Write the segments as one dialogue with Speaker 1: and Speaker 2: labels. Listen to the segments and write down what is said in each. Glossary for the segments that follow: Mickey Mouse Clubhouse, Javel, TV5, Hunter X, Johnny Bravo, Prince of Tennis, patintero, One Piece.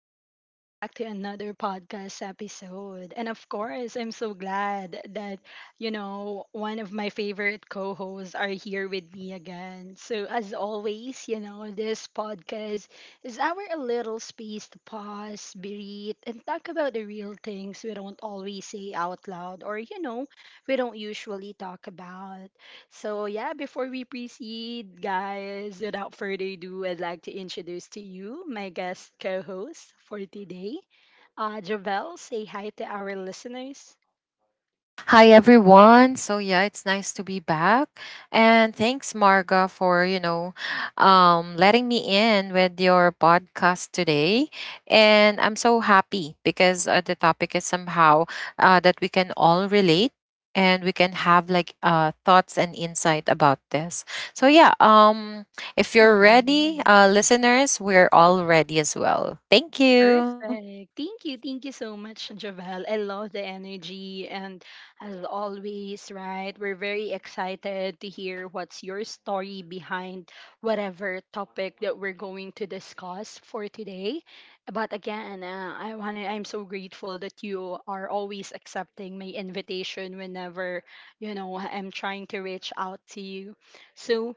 Speaker 1: and welcome back to another podcast episode. And of course, I'm so glad that one of my favorite co hosts are here with me again. So, as always this podcast is our little space to pause, breathe, and talk about the real things we don't always say out loud or we don't usually talk about. So, yeah, before we proceed, guys, without further ado, I'd like to introduce to you my guest co host for today. Javel, say hi to our listeners.
Speaker 2: Hi everyone. So yeah, it's nice to be back. And thanks Marga for letting me in with your podcast today. And I'm so happy because the topic is somehow that we can all relate and we can have like thoughts and insight about this. So yeah, if you're ready,
Speaker 1: Mhm.
Speaker 2: listeners, we're all ready as well. Thank you.
Speaker 1: Perfect. Thank you. Thank you so much, Javel. I love the energy. And as always, right, we're very excited to hear what's your story behind whatever topic that we're going to discuss for today. But again, I want to I'm so grateful that you are always accepting my invitation whenever I'm trying to reach out to you. So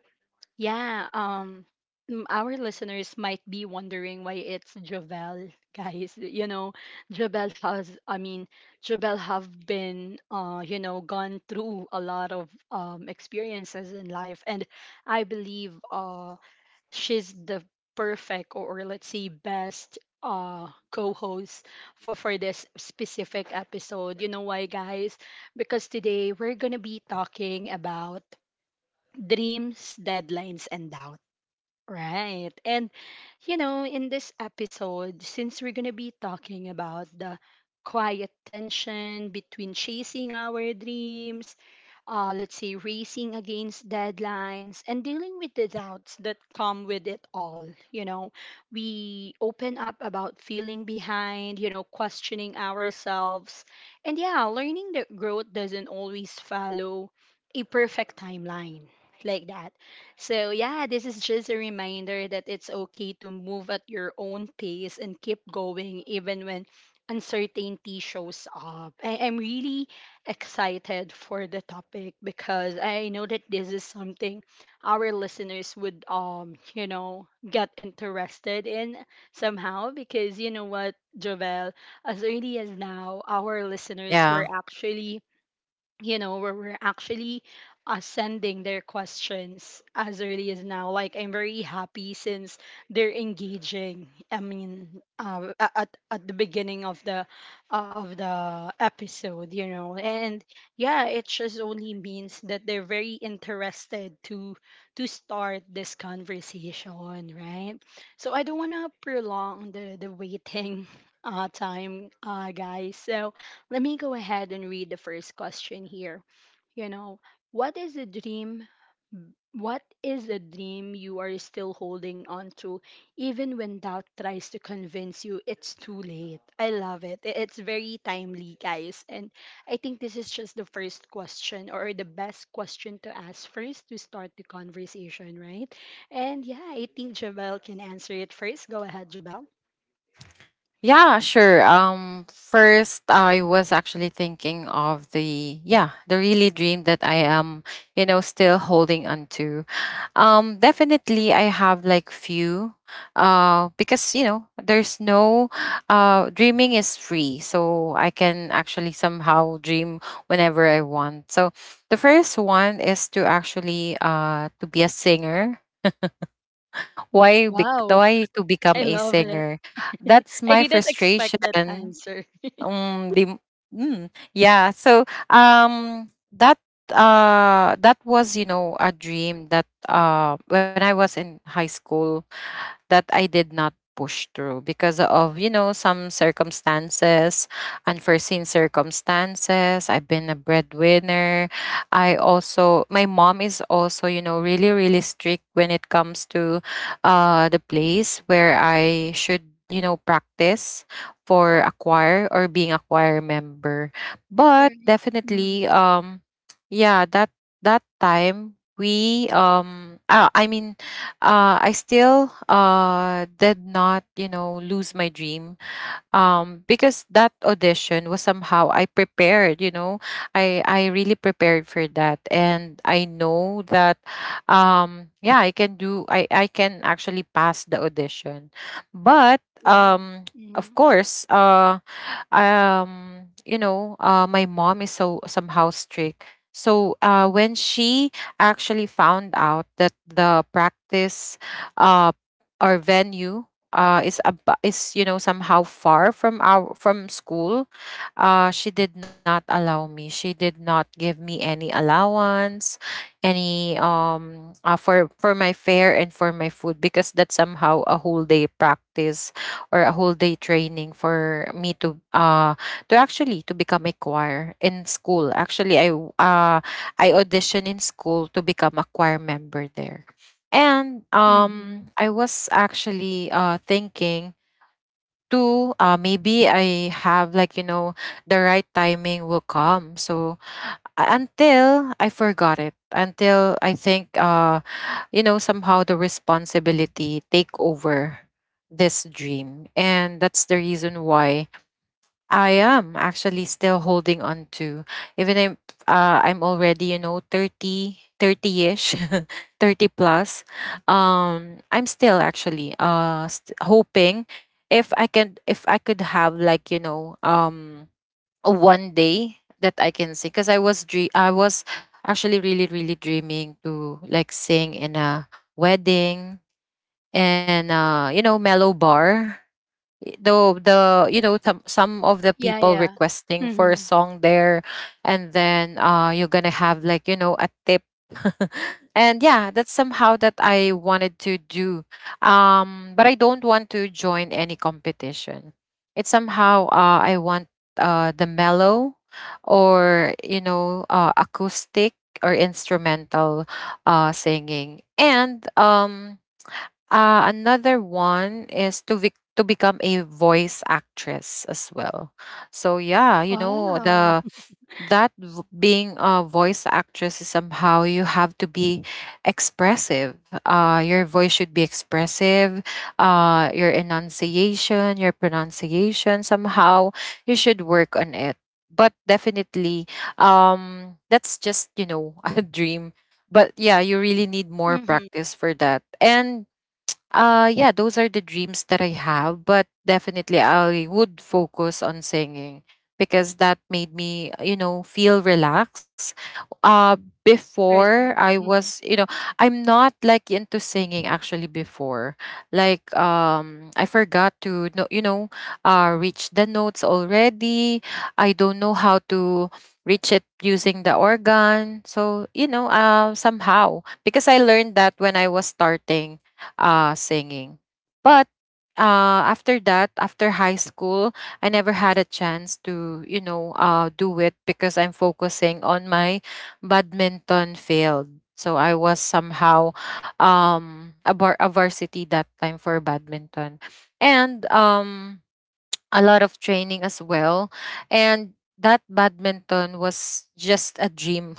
Speaker 1: yeah, our listeners might be wondering why it's Jovel, guys. You know, Jovel has I mean, Jovel have been gone through a lot of experiences in life, and I believe she's the perfect, or let's say best, co-host for this specific episode. You know why, guys? Because today we're going to be talking about dreams, deadlines, and doubt. Right. And in this episode, since we're going to be talking about the quiet tension between chasing our dreams, let's say, racing against deadlines and dealing with the doubts that come with it all. We open up about feeling behind questioning ourselves. And yeah, learning that growth doesn't always follow a perfect timeline like that. So, yeah, this is just a reminder that it's okay to move at your own pace and keep going even when uncertainty shows up. I'm really excited for the topic because I know that this is something our listeners would get interested in somehow, because you know what, Jovel, as early as now, our listeners were
Speaker 2: Yeah.
Speaker 1: actually where we're actually sending their questions as early as now. Like, I'm very happy since they're engaging. I mean, at the beginning of the episode and yeah, it just only means that they're very interested to start this conversation, right? So I don't wanna prolong the waiting time, guys. So let me go ahead and read the first question here. You know, what is a dream? What is a dream you are still holding on to, even when doubt tries to convince you it's too late? I love it. It's very timely, guys. And I think this is just the first question or the best question to ask first to start the conversation, right? And yeah, I think Jabel can answer it first. Go ahead, Jabel.
Speaker 2: Yeah, sure. First, I was actually thinking of the really dream that I am still holding on to. Definitely, I have like few, because there's no, dreaming is free, so I can actually somehow dream whenever I want. So the first one is to actually to be a singer, why bec
Speaker 1: Wow.
Speaker 2: why to become
Speaker 1: I
Speaker 2: a
Speaker 1: love it.
Speaker 2: singer? That's
Speaker 1: I
Speaker 2: my
Speaker 1: didn't expect that
Speaker 2: frustration.
Speaker 1: answer.
Speaker 2: Um, the, mm, yeah. So um, that that was a dream that when I was in high school, that I did not push through because of some circumstances, unforeseen circumstances. I've been a breadwinner. I also, my mom is also, really, really strict when it comes to the place where I should practice for a choir or being a choir member. But
Speaker 1: Right. Hmm.
Speaker 2: definitely, yeah, that time we I mean I still did not lose my dream, because that audition was somehow I prepared. I really prepared for that, and I know that, yeah, I can do. I can actually pass the audition, but
Speaker 1: Wow.
Speaker 2: of
Speaker 1: Hmm.
Speaker 2: course, um my mom is so somehow strict, so when she actually found out that the practice uh or venue is somehow far from school. She did not allow me, she did not give me any allowance, any for my fare and for my food because that's somehow a whole day practice or a whole day training for me to become a choir in school. Actually, I auditioned in school to become a choir member there. And
Speaker 1: Hmm.
Speaker 2: I was actually thinking to maybe I have like the right timing will come. So until I forgot it. Until I think somehow the responsibility take over this dream, and that's the reason why I am actually still holding on to. Even if I'm already thirty, 30 ish 30 plus, I'm still actually hoping if I could have like one day that I can sing because I was actually really, really dreaming to like sing in a wedding and mellow bar. Y- though the you know some of the
Speaker 1: Yeah,
Speaker 2: people
Speaker 1: yeah.
Speaker 2: requesting for a
Speaker 1: Hmm.
Speaker 2: song there, and then you're gonna have like a tip, and yeah that's somehow that I wanted to do, but I don't want to join any competition. It's somehow I want the mellow, or acoustic or instrumental singing. And another one is to become a voice actress as well. So yeah, you know
Speaker 1: Wow.
Speaker 2: the that v- being a voice actress is somehow you have to be expressive. Your voice should be expressive. Your enunciation, your pronunciation, somehow you should work on it. But definitely that's just a dream, but yeah you really need more
Speaker 1: Hmm.
Speaker 2: practice for that. And yeah, those are the dreams that I have, but definitely I would focus on singing because that made me feel relaxed. Uh,
Speaker 1: Right, right.
Speaker 2: before I
Speaker 1: Hmm.
Speaker 2: was, I'm not like into singing actually before. Like, I forgot to, no, reach the notes already. I don't know how to reach it using the organ. So, somehow, because I learned that when I was starting singing. But after that, after high school, I never had a chance to do it because I'm focusing on my badminton field. So I was somehow a varsity that time for badminton. And a lot of training as well. And that badminton was just a dream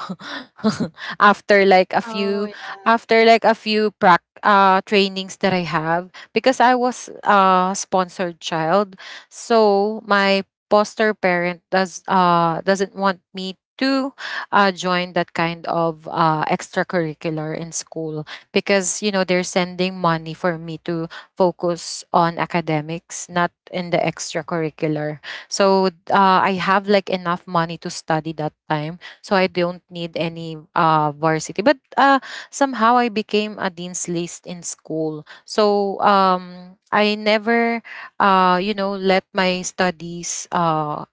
Speaker 2: after like a
Speaker 1: Oh,
Speaker 2: few
Speaker 1: yeah.
Speaker 2: after like a few prac trainings that I have because I was a sponsored child. So my foster parent doesn't want me to join that kind of extracurricular in school because they're sending money for me to focus on academics, not in the extracurricular. So I have like enough money to study that time, so I don't need any varsity. But somehow I became a dean's list in school, so I never let my studies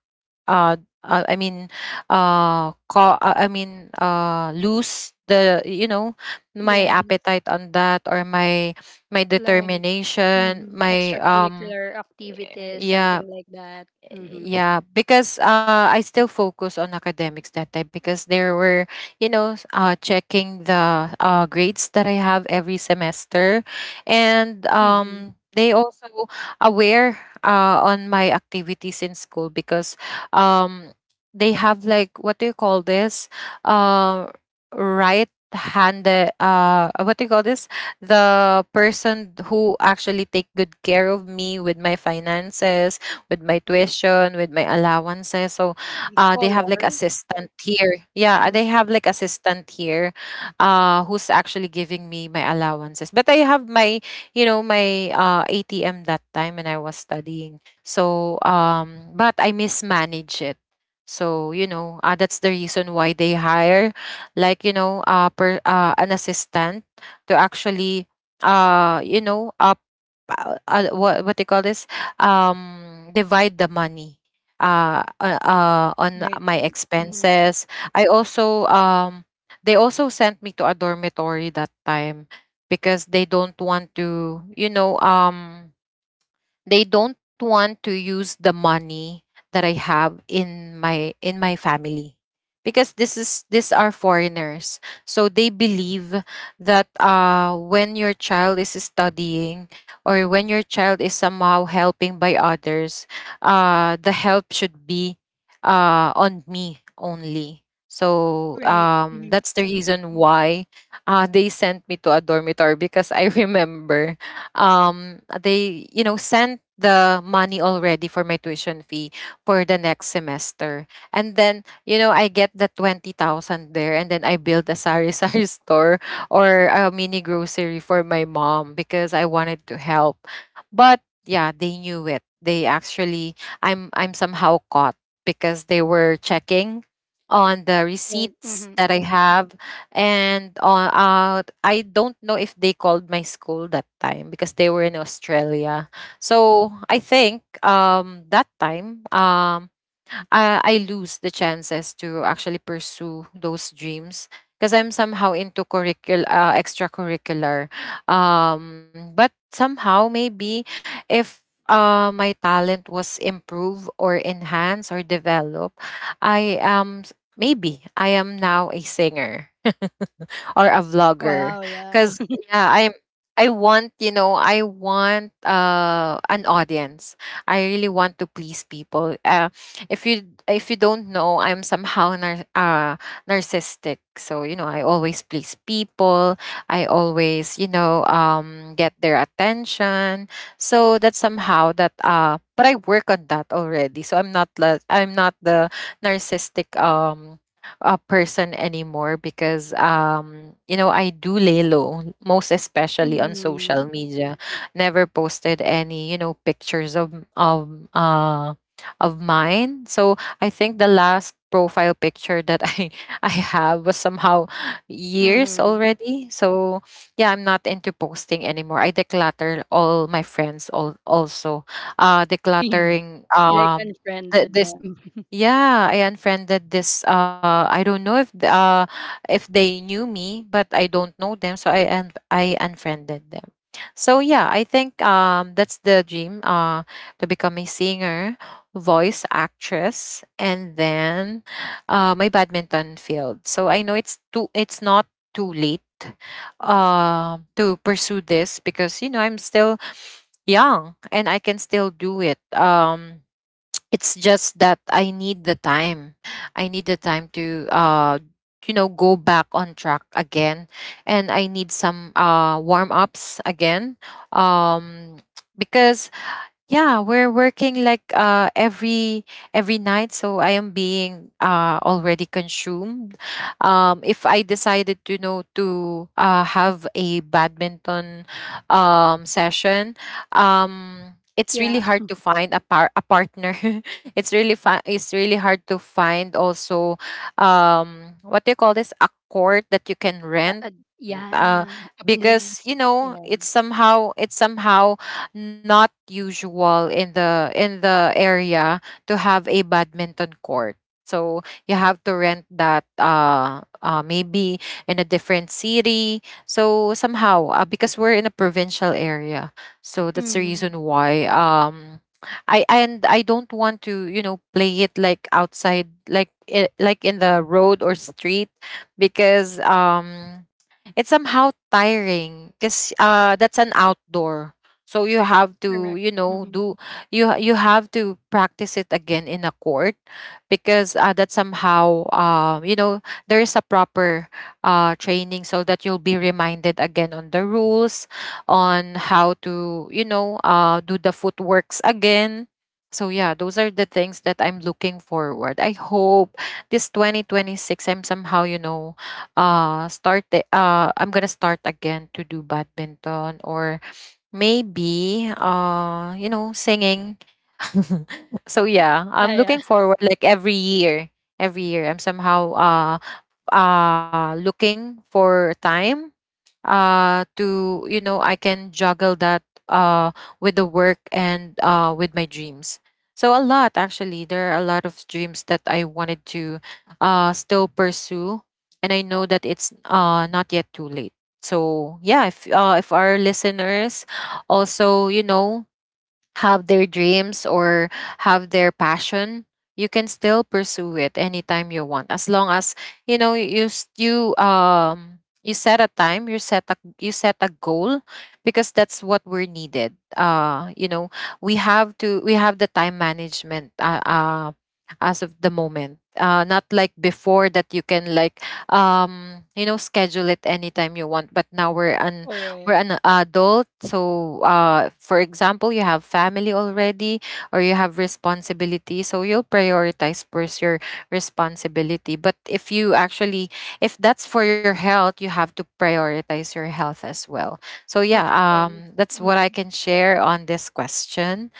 Speaker 2: uh, uh i mean lose the you know my
Speaker 1: Yes.
Speaker 2: appetite on that, or my
Speaker 1: Like
Speaker 2: determination, my
Speaker 1: extracurricular activities,
Speaker 2: yeah,
Speaker 1: something like that. Mm-hmm.
Speaker 2: yeah, because I still focus on academics that time because there were checking the grades that I have every semester. And
Speaker 1: Mm-hmm.
Speaker 2: they also aware on my activities in school, because um, they have like, what do you call this, uh, right handed, what do you call this, the person who actually take good care of me with my finances, with my tuition, with my allowances. So
Speaker 1: Mm-hmm.
Speaker 2: they have like
Speaker 1: Scholar.
Speaker 2: assistant here. Yeah, they
Speaker 1: Hmm.
Speaker 2: have like assistant here, who's actually giving me my allowances. But I have my ATM that time when I was studying. So, but I mismanage it. So, that's the reason why they hire like an assistant to actually, uh, you know, uh, what they call this? Divide the money on
Speaker 1: Right,
Speaker 2: my
Speaker 1: right. Hmm.
Speaker 2: expenses. I also, they also sent me to a dormitory that time because they don't want to, you know, they don't want to use the money that I have in my family because this is these are foreigners. So they believe that when your child is studying or when your child is somehow helping by others, the help should be on me only. So
Speaker 1: Right. Hmm.
Speaker 2: that's the reason why they sent me to a dormitory because I remember, they sent the money already for my tuition fee for the next semester. And then I get the 20,000 there, and then I build a sari-sari store or a mini grocery for my mom because I wanted to help. But yeah, they knew it. They actually I'm somehow caught because they were checking on the
Speaker 1: Right.
Speaker 2: receipts
Speaker 1: Hmm.
Speaker 2: that I have. And I don't know if they called my school that time because they were in Australia. So I think, that time, I lose the chances to actually pursue those dreams because I'm somehow into extracurricular. But somehow, maybe if my talent was improved or enhanced or developed, I am maybe I am now a singer or a vlogger
Speaker 1: Wow, yeah.
Speaker 2: because yeah, I want an audience. I really want to please people. If you, if you don't know, I'm somehow narcissistic, so I always please people. I always get their attention. So that's somehow that but I work on that already, so I'm not the narcissistic person anymore because I do lay low, most especially on
Speaker 1: Mm-hmm.
Speaker 2: social media. Never posted any pictures of uh of mine. So I think the last profile picture that I I have was somehow years
Speaker 1: Mm-hmm.
Speaker 2: already. So yeah, I'm not into posting anymore. I declutter all my friends, all also
Speaker 1: Really?
Speaker 2: decluttering,
Speaker 1: Like, unfriended
Speaker 2: this.
Speaker 1: them.
Speaker 2: Yeah, I unfriended this. I don't know if if they knew me, but I don't know them, so I unfriended them. So yeah, I think that's the dream. To become a singer, voice actress, and then my badminton field. So I know it's too it's not too late to pursue this because I'm still young and I can still do it. It's just that I need the time. I need the time to go back on track again. And I need some warm ups again. Um because yeah, we're working like every night, so I am being already consumed. If I decided to know to have a badminton session, it's
Speaker 1: Yeah.
Speaker 2: really hard to find a par a partner. It's really it's really hard to find also what do you call this, a court that you can
Speaker 1: A,
Speaker 2: rent.
Speaker 1: a,
Speaker 2: Uh,
Speaker 1: yeah. A
Speaker 2: because
Speaker 1: place.
Speaker 2: you know
Speaker 1: Yeah.
Speaker 2: it's somehow not usual in the area to have a badminton court. So you have to rent that maybe in a different city. So somehow because we're in a provincial area. So that's the
Speaker 1: Mm-hmm.
Speaker 2: reason why I don't want to, you know, play it like outside like like in the road or street because it's somehow tiring because that's an outdoor, so you have to
Speaker 1: Correct.
Speaker 2: you know
Speaker 1: Mm-hmm.
Speaker 2: do, you have to practice it again in a court because that somehow you know, there is a proper training so that you'll be reminded again on the rules on how to you know do the footworks again. So yeah, those are the things that I'm looking forward. I hope this 2026 I'm somehow you know I'm gonna start again to do badminton or maybe you know singing. So yeah,
Speaker 1: Yeah,
Speaker 2: I'm
Speaker 1: yeah.
Speaker 2: looking forward like every year, every year I'm somehow looking for time to you know I can juggle that uh with the work and with my dreams. So a lot, actually there are a lot of dreams that I wanted to still pursue, and I know that it's not yet too late. So yeah, if our listeners also you know have their dreams or have their passion, you can still pursue it anytime you want, as long as you know you you set a time, you set a, you set a goal, because that's what we're needed. You know, we have the time management. As of the moment, not like before that you can like you know schedule it anytime you want, but now we're
Speaker 1: Correct.
Speaker 2: an adult, so for example you have family already or you have responsibility, so you'll prioritize first your responsibility. But if you actually, if that's for your health, you have to prioritize your health as well. So yeah,
Speaker 1: Of course.
Speaker 2: that's what I
Speaker 1: Mm-hmm.
Speaker 2: can share on this question.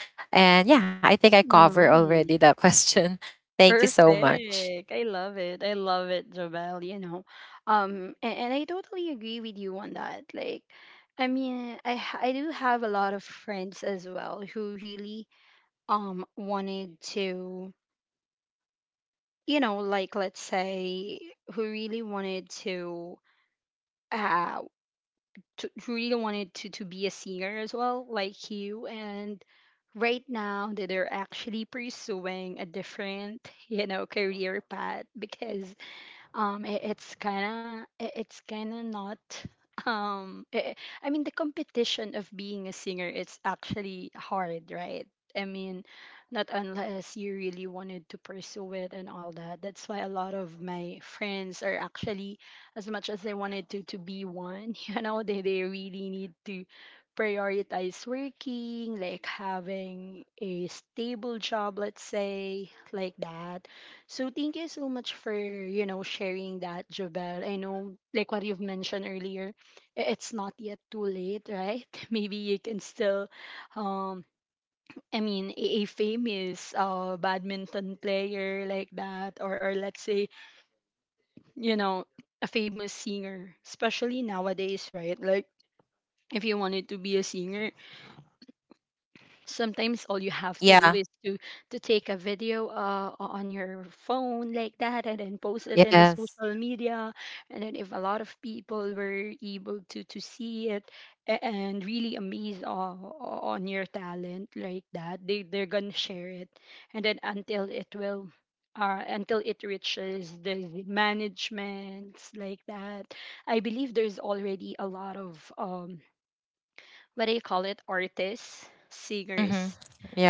Speaker 2: And yeah, I think I cover
Speaker 1: Mm-hmm.
Speaker 2: already that question. Thank you so much.
Speaker 1: Perfect. I love it. I love it, Jobel. And I totally agree with you on that. Like, I mean, I do have a lot of friends as well who really wanted to, you know, like let's say who really wanted to uh who really wanted to be a singer as well, like you, and right now that they're actually pursuing a different, career path, because it's kind of, not um i I mean the competition of being a singer, it's actually hard, right? I mean, not unless you really wanted to pursue it and all that, that's why a lot of my friends are actually, as much as they wanted to be one, they really need to prioritize working, like having a stable job, let's say, like that. So thank you so much for sharing that, Jobel. I know, like what you've mentioned earlier, it's not yet too late, right? Maybe you can still, um, I mean, a famous, badminton player like that, or let's say, you know, a famous singer, especially nowadays, right? Like, if you wanted to be a singer, sometimes all you have to
Speaker 2: Yeah.
Speaker 1: do is to take a video, on your phone like that, and then post it in the
Speaker 2: Yes.
Speaker 1: social media. And then if a lot of people were able to see it and really amazed, on your talent like that, they're gonna share it, and then until it reaches the managements, like that. I believe there's already a lot of, what do you call it, artists,
Speaker 2: Mm-hmm.
Speaker 1: singers,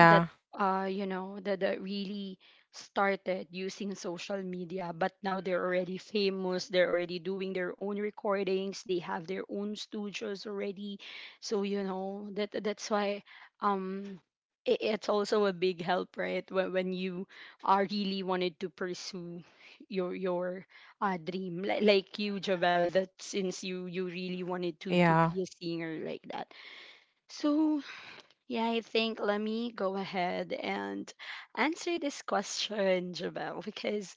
Speaker 1: that that really started using social media, but now they're already famous, they're already doing their own recordings, they have their own studios already. So, you know, that, that's why, um it's also a big help, right? When you are really wanted to pursue your dream, like you, Javel, that since you really wanted to
Speaker 2: yeah.
Speaker 1: be a singer, like that. So yeah, I think let me go ahead and answer this question, Jabel, because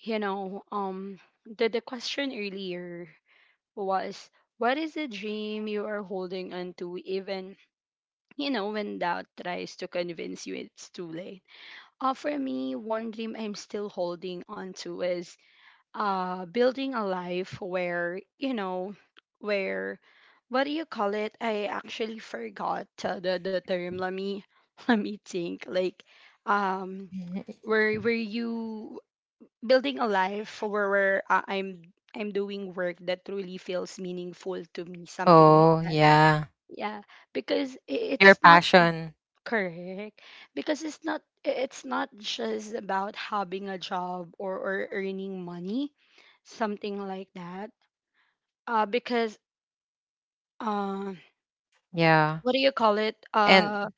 Speaker 1: you know, um, the question earlier was, what is the dream you are holding on to, even when doubt tries to convince you it's too late. For me, one dream I'm still holding on to is, building a life where, where what do you call it, I actually forgot the term. Let me let me think, like, um
Speaker 2: Mhm.
Speaker 1: where you building a life, where I'm doing work that truly feels meaningful to me, something like
Speaker 2: Oh
Speaker 1: that.
Speaker 2: yeah.
Speaker 1: Yeah, because
Speaker 2: Your
Speaker 1: it's not.
Speaker 2: passion.
Speaker 1: Correct. Because it's not, just about having a job, or earning money, something like that. Because, uh
Speaker 2: Yeah.
Speaker 1: what do you call it?
Speaker 2: And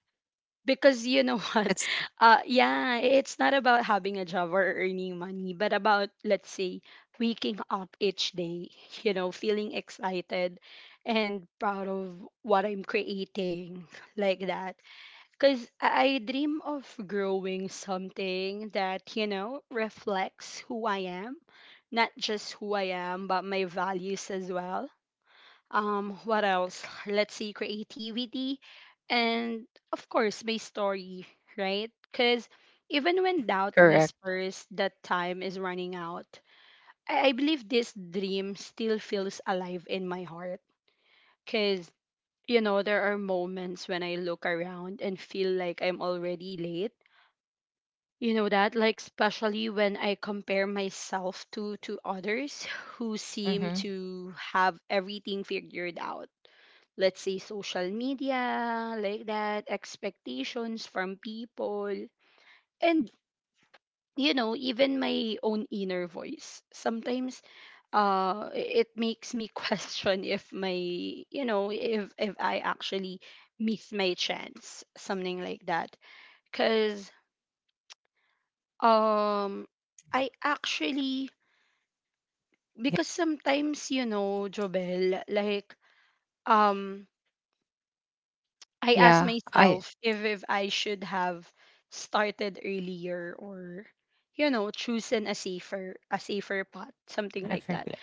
Speaker 1: because, you know,
Speaker 2: it's
Speaker 1: what? Yeah, it's not about having a job or earning money, but about, let's say, waking up each day, feeling excited and proud of what I'm creating, like that. Because I dream of growing something that reflects who I am, not just who I am, but my values as well. What else? Let's see, creativity and, of course, my story, right? Because even when doubt
Speaker 2: correct.
Speaker 1: whispers that time is running out, I believe this dream still feels alive in my heart. Because there are moments when I look around and feel like I'm already late, that, like, especially when I compare myself to others who seem
Speaker 2: Mm-hmm.
Speaker 1: to have everything figured out. Let's say, social media like that, expectations from people, and even my own inner voice sometimes, it makes me question if my you know if I actually miss my chance, something like that, cuz um I actually,
Speaker 2: Yeah.
Speaker 1: because sometimes, Jobel, like, um I ask
Speaker 2: Yeah.
Speaker 1: myself if I should have started earlier, or chosen a safer path, something
Speaker 2: I
Speaker 1: like that.
Speaker 2: forget.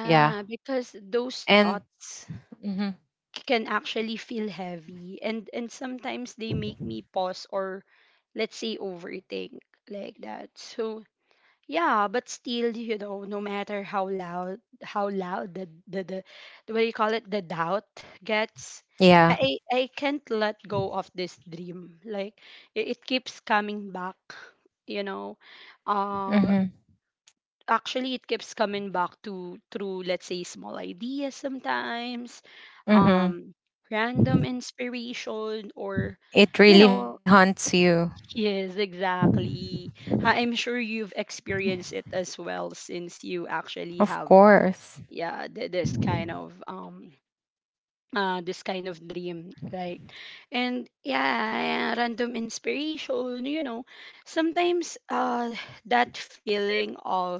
Speaker 2: Yeah.
Speaker 1: because those
Speaker 2: And
Speaker 1: thoughts
Speaker 2: hmm.
Speaker 1: can actually feel heavy, and sometimes they make me pause, or let's say overthink, like that. So, yeah, but still no matter how loud, the what do you call it, the doubt gets,
Speaker 2: Yeah.
Speaker 1: I can't let go of this dream. Like, it keeps coming back, you know. Uh,
Speaker 2: Mm-hmm.
Speaker 1: Actually, it keeps coming back to through, let's say, small ideas sometimes,
Speaker 2: Mm-hmm.
Speaker 1: um, random inspiration, or,
Speaker 2: It
Speaker 1: you
Speaker 2: really
Speaker 1: know,
Speaker 2: haunts you.
Speaker 1: Yes, exactly. I'm sure you've experienced it as well, since you actually
Speaker 2: Of
Speaker 1: have,
Speaker 2: course.
Speaker 1: yeah, this kind of dream, right? And yeah, random inspiration, you know, sometimes, that feeling of,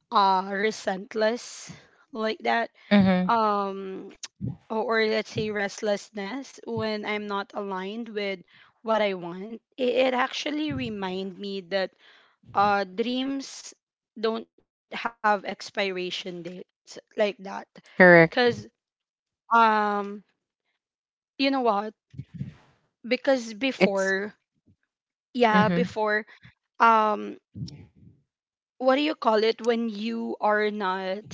Speaker 1: resentless, like that,
Speaker 2: Mm-hmm.
Speaker 1: um or let's say restlessness, when I'm not aligned with what I want, it actually remind me that dreams don't have expiration dates, like that. Because,
Speaker 2: Correct.
Speaker 1: um you know what, because
Speaker 2: It's
Speaker 1: before, yeah,
Speaker 2: mm-hmm.
Speaker 1: before, um what do you call it, when you are not,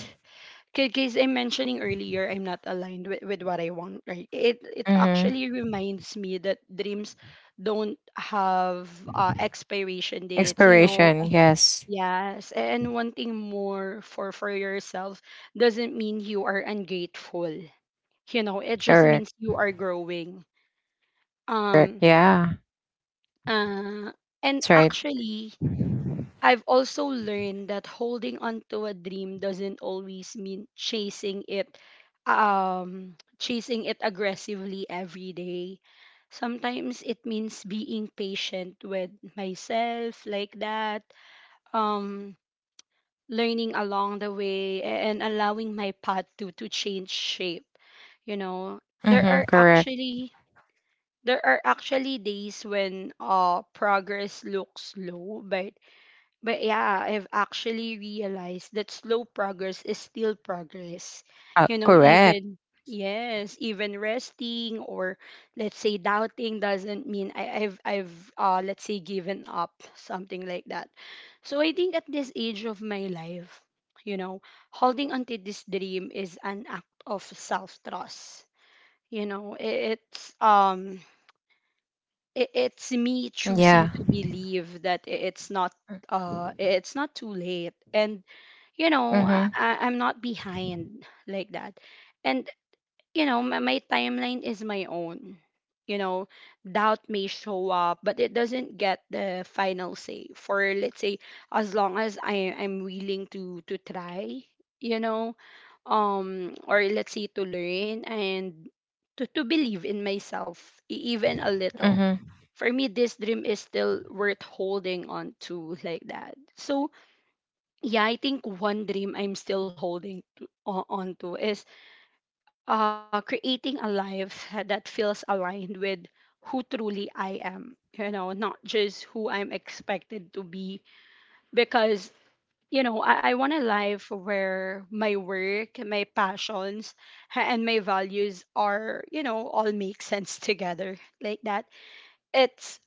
Speaker 1: because I'm mentioning earlier, I'm not aligned with what I want, right, it
Speaker 2: Mm-hmm.
Speaker 1: actually reminds me that dreams don't have expiration dates.
Speaker 2: Expiration. Yes.
Speaker 1: Yes, and wanting more for yourself doesn't mean you are ungrateful. It just
Speaker 2: Correct.
Speaker 1: means you are growing.
Speaker 2: Correct.
Speaker 1: Um
Speaker 2: Yeah.
Speaker 1: uh and
Speaker 2: That's right.
Speaker 1: actually I've also learned that holding on to a dream doesn't always mean chasing it, chasing it aggressively every day. Sometimes it means being patient with myself, like that. Um Learning along the way, and allowing my path to change shape, you know. there
Speaker 2: Mm-hmm.
Speaker 1: are
Speaker 2: Correct.
Speaker 1: actually there are actually days when progress looks slow, but yeah, I've actually realized that slow progress is still progress. You know,
Speaker 2: Correct.
Speaker 1: even, yes, even resting or, let's say, doubting doesn't mean I've let's say given up, something like that. So I think at this age of my life, you know, holding onto this dream is an act of self trust. You know, it's, it's me
Speaker 2: Yeah.
Speaker 1: choosing to believe that uh it's not too late, and you know,
Speaker 2: Mm-hmm.
Speaker 1: I'm not behind, like that. And you know, my timeline is my own. You know, doubt may show up, but it doesn't get the final say. For, let's say, as long as I'm willing to try, you know, or let's say to learn and to believe in myself even a little.
Speaker 2: Mm-hmm.
Speaker 1: For me, this dream is still worth holding on to, like that. So yeah, I think one dream I'm still holding to, on to is, creating a life that feels aligned with who truly I am, you know, not just who I'm expected to be. Because, you know, I want a life where my work, my passions, and my values are, you know, all make sense together, like that. It's,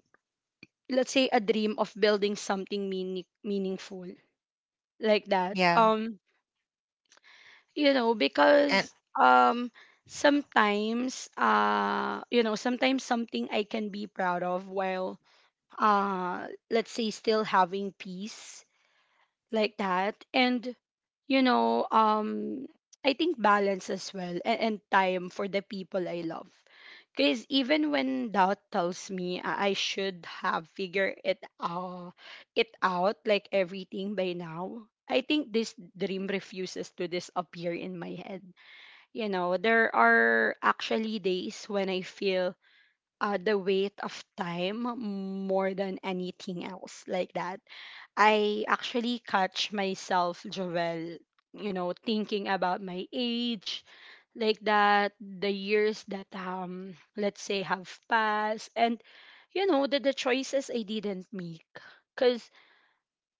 Speaker 1: let's say, a dream of building something meaningful, like that.
Speaker 2: Yeah.
Speaker 1: You know,
Speaker 2: And
Speaker 1: because um sometimes, sometimes something I can be proud of while, uh let's say, still having peace, like that. And you know, I think balance as well, and time for the people I love, because even when doubt tells me I should have figured it out, like everything by now. I think this dream refuses to disappear in my head. You know, there are actually days when I feel, the weight of time more than anything else, like that. I actually catch myself, Joel, you know, thinking about my age, like that, the years that, let's say, have passed, and, you know, the choices I didn't make.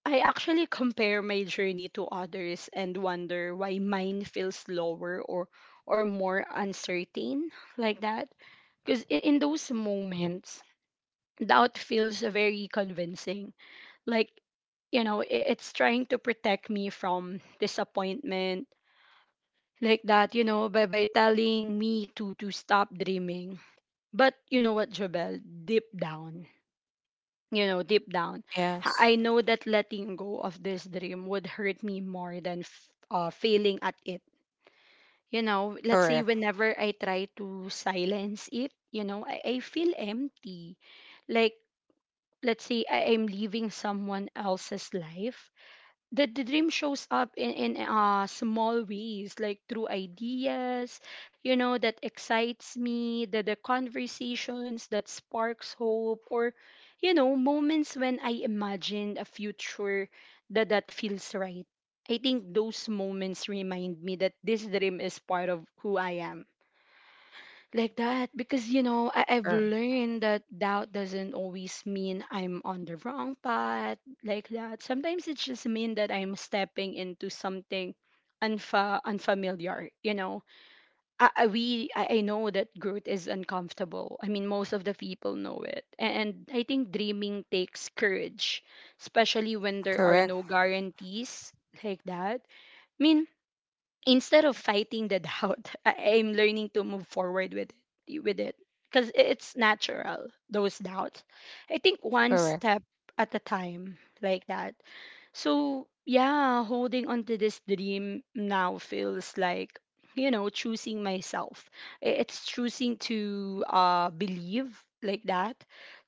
Speaker 1: I actually compare my journey to others and wonder why mine feels slower or more uncertain, like that. Because in those moments, doubt feels very convincing. Like, you know, it's trying to protect me from disappointment, like that, you know, by telling me to stop dreaming. But you know what, Jobel, deep down, you know, deep down,
Speaker 2: yes.
Speaker 1: I know that letting go of this dream would hurt me more than failing at it. You know, let's say
Speaker 2: Correct.
Speaker 1: whenever I try to silence it, you know, I feel empty. Like, let's say I am living someone else's life. The dream shows up in small ways, like through ideas, you know, that excites me, the conversations that sparks hope, or you know, moments when I imagine a future that that feels right. I think those moments remind me that this dream is part of who I am, like that, because you know, I've
Speaker 2: Cor-
Speaker 1: learned that doubt doesn't always mean I'm on the wrong path, like that. Sometimes it just means that I'm stepping into something unfamiliar, you know. I know that growth is uncomfortable, I mean most of the people know it, and I think dreaming takes courage, especially when there are
Speaker 2: Correct.
Speaker 1: no guarantees, like that. I mean, instead of fighting the doubt, I'm learning to move forward with it, because it's natural, those doubts. I think one
Speaker 2: Correct.
Speaker 1: step at a time, like that. So yeah, holding on to this dream now feels like, you know, choosing myself. It's choosing to believe, like that.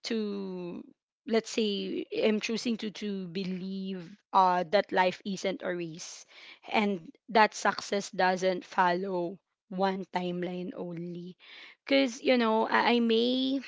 Speaker 1: To, let's say, I'm choosing to believe, that life isn't a race, and that success doesn't follow one timeline only. Because, you know, I may,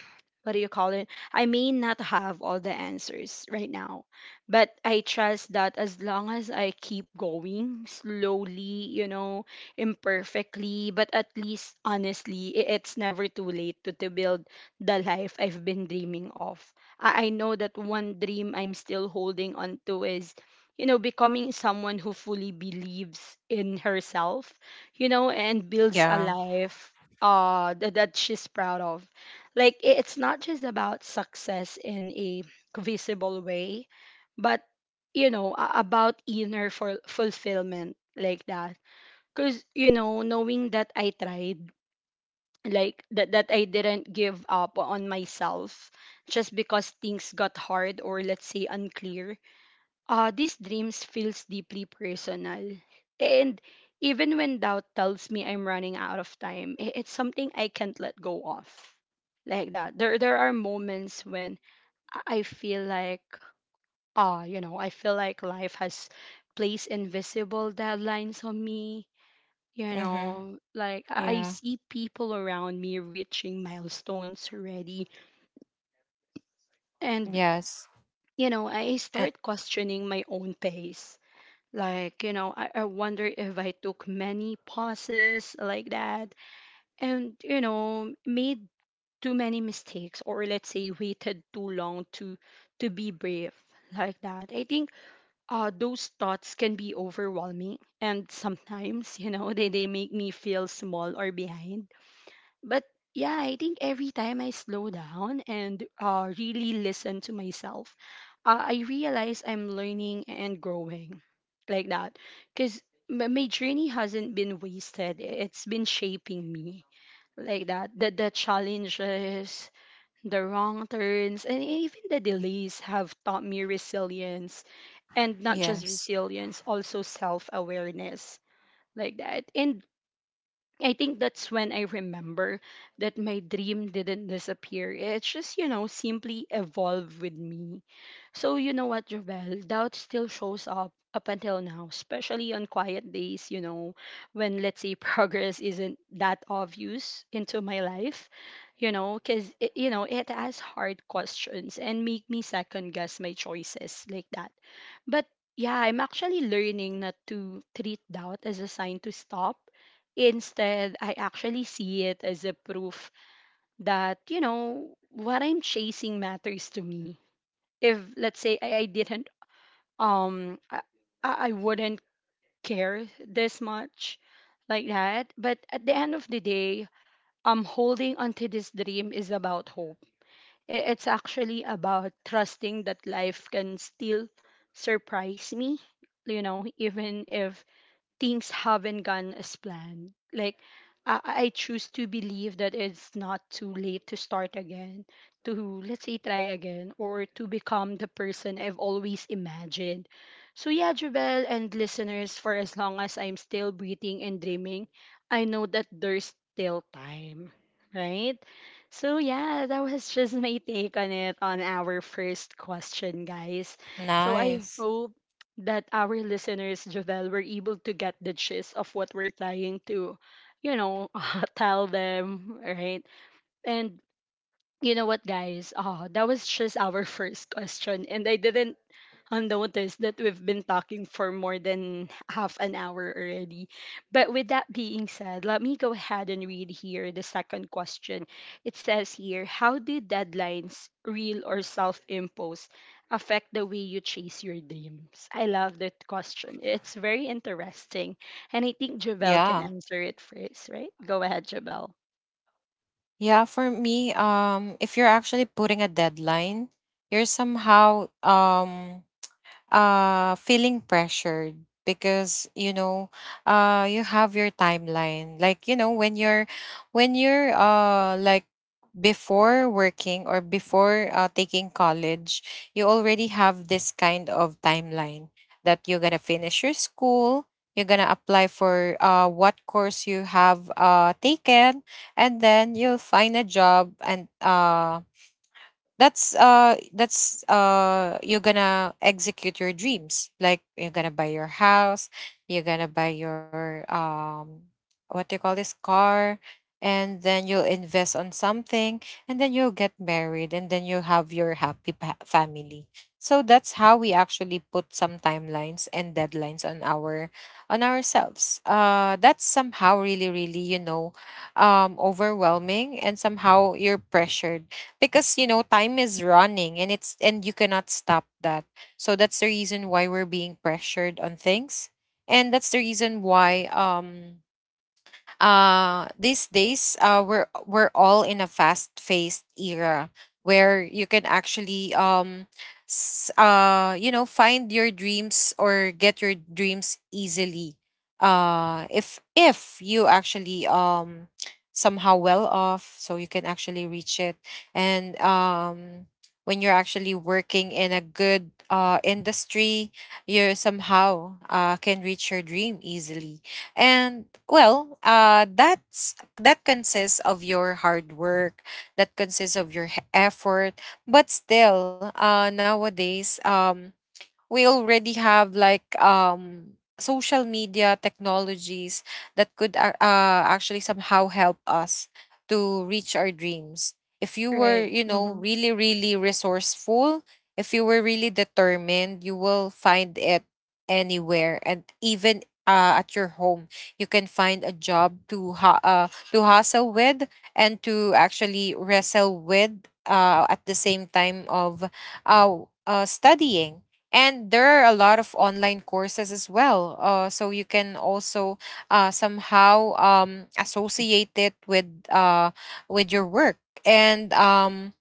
Speaker 1: what do you call it, I may not have all the answers right now, but I trust that as long as I keep going slowly, you know, imperfectly, but at least honestly, it's never too late to build the life I've been dreaming of. I know that one dream I'm still holding on to is, you know, becoming someone who fully believes in herself, you know, and builds a
Speaker 2: Yeah.
Speaker 1: life that she's proud of. Like, it's not just about success in a visible way, but you know, about inner for fulfillment, like that. Cause you know, knowing that I tried, like that, that I didn't give up on myself just because things got hard or, let's say, unclear, these dreams feels deeply personal. And even when doubt tells me I'm running out of time, it's something I can't let go of, like that. There are moments when I feel like, you know, I feel like life has placed invisible deadlines on me. You
Speaker 2: Mm-hmm.
Speaker 1: know, like I
Speaker 2: Yeah.
Speaker 1: see people around me reaching milestones already. And,
Speaker 2: Yes.
Speaker 1: you know, I
Speaker 2: And
Speaker 1: start questioning my own pace. Like, you know, I wonder if I took many pauses, like that, and, you know, made too many mistakes or, let's say, waited too long to be brave, like that. I think those thoughts can be overwhelming, and sometimes, you know, they make me feel small or behind. But yeah, I think every time I slow down and, really listen to myself, I realize I'm learning and growing, like that. Because my journey hasn't been wasted, it's been shaping me, like that. The challenges, the wrong turns, and even the delays have taught me resilience. And not just
Speaker 2: yes.
Speaker 1: resilience, also self awareness, like that. And I think that's when I remember that my dream didn't disappear. It's just, you know, simply evolved with me. So, you know what, Jovel? Doubt still shows up up until now, especially on quiet days, you know, when, let's say, progress isn't that obvious into my life, you know, because, you know, it asks hard questions and make me second guess my choices, like that. But yeah, I'm actually learning not to treat doubt as a sign to stop. Instead, I actually see it as a proof that, you know, what I'm chasing matters to me. If, let's say, I didn't, um I, I wouldn't care this much, like that. But at the end of the day, holding onto this dream is about hope. It's actually about trusting that life can still surprise me, you know, even if things haven't gone as planned. Like I, I choose to believe that it's not too late to start again, to, let's say, try again, or to become the person I've always imagined. So yeah, Jubel and listeners, for as long as I'm still breathing and dreaming, I know that there's still time. Right? So yeah, that was just my take on it on our first question, guys. So I
Speaker 2: Nice.
Speaker 1: hope that our listeners, Javel, were able to get the gist of what we're trying to, you know, tell them, right? And you know what, guys? Oh, that was just our first question, and I didn't, notice that we've been talking for more than half an hour already. But with that being said, let me go ahead and read here the second question. It says here, how do deadlines, real or self-imposed, affect the way you chase your dreams? I love that question. It's very interesting, and I think Javel can
Speaker 2: Yeah.
Speaker 1: answer it first, right? Go ahead, Javel.
Speaker 2: Yeah, for me, if you're actually putting a deadline, you're somehow feeling pressured because you know you have your timeline. Like, you know, when you're before working or before taking college, you already have this kind of timeline that you're going to finish your school, you're going to apply for what course you have taken, and then you'll find a job and that's you're gonna execute your dreams, like you're gonna buy your house, you're gonna buy your what do you call this, car, and then you'll invest on something, and then you'll get married, and then you'll have your family. So that's how we actually put some timelines and deadlines on our, on ourselves. That's somehow really really, you know, overwhelming and somehow you're pressured because you know time is running and it's, and you cannot stop that. So that's the reason why we're being pressured on things. And that's the reason why these days we're all in a fast-paced era where you can actually you know find your dreams or get your dreams easily, if you actually somehow well off, so you can actually reach it. And when you're actually working in a good industry, you somehow can reach your dream easily. And well, that's that consists of your hard work, that consists of your effort. But still, nowadays, we already have like social media technologies that could actually somehow help us to reach our dreams, if you were
Speaker 1: Right.
Speaker 2: you know
Speaker 1: Mm-hmm.
Speaker 2: really really resourceful, if you were really determined, you will find it anywhere. And even at your home, you can find a job to to hustle with and to actually wrestle with, at the same time of uh, studying. And there are a lot of online courses as well, so you can also somehow associate it with your work. And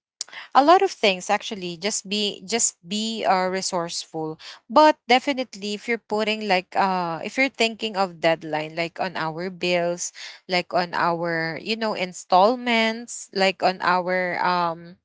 Speaker 2: a lot of things, actually, just be resourceful. But definitely if you're putting like if you're thinking of deadline like on our bills, like on our you know installments, like on our um,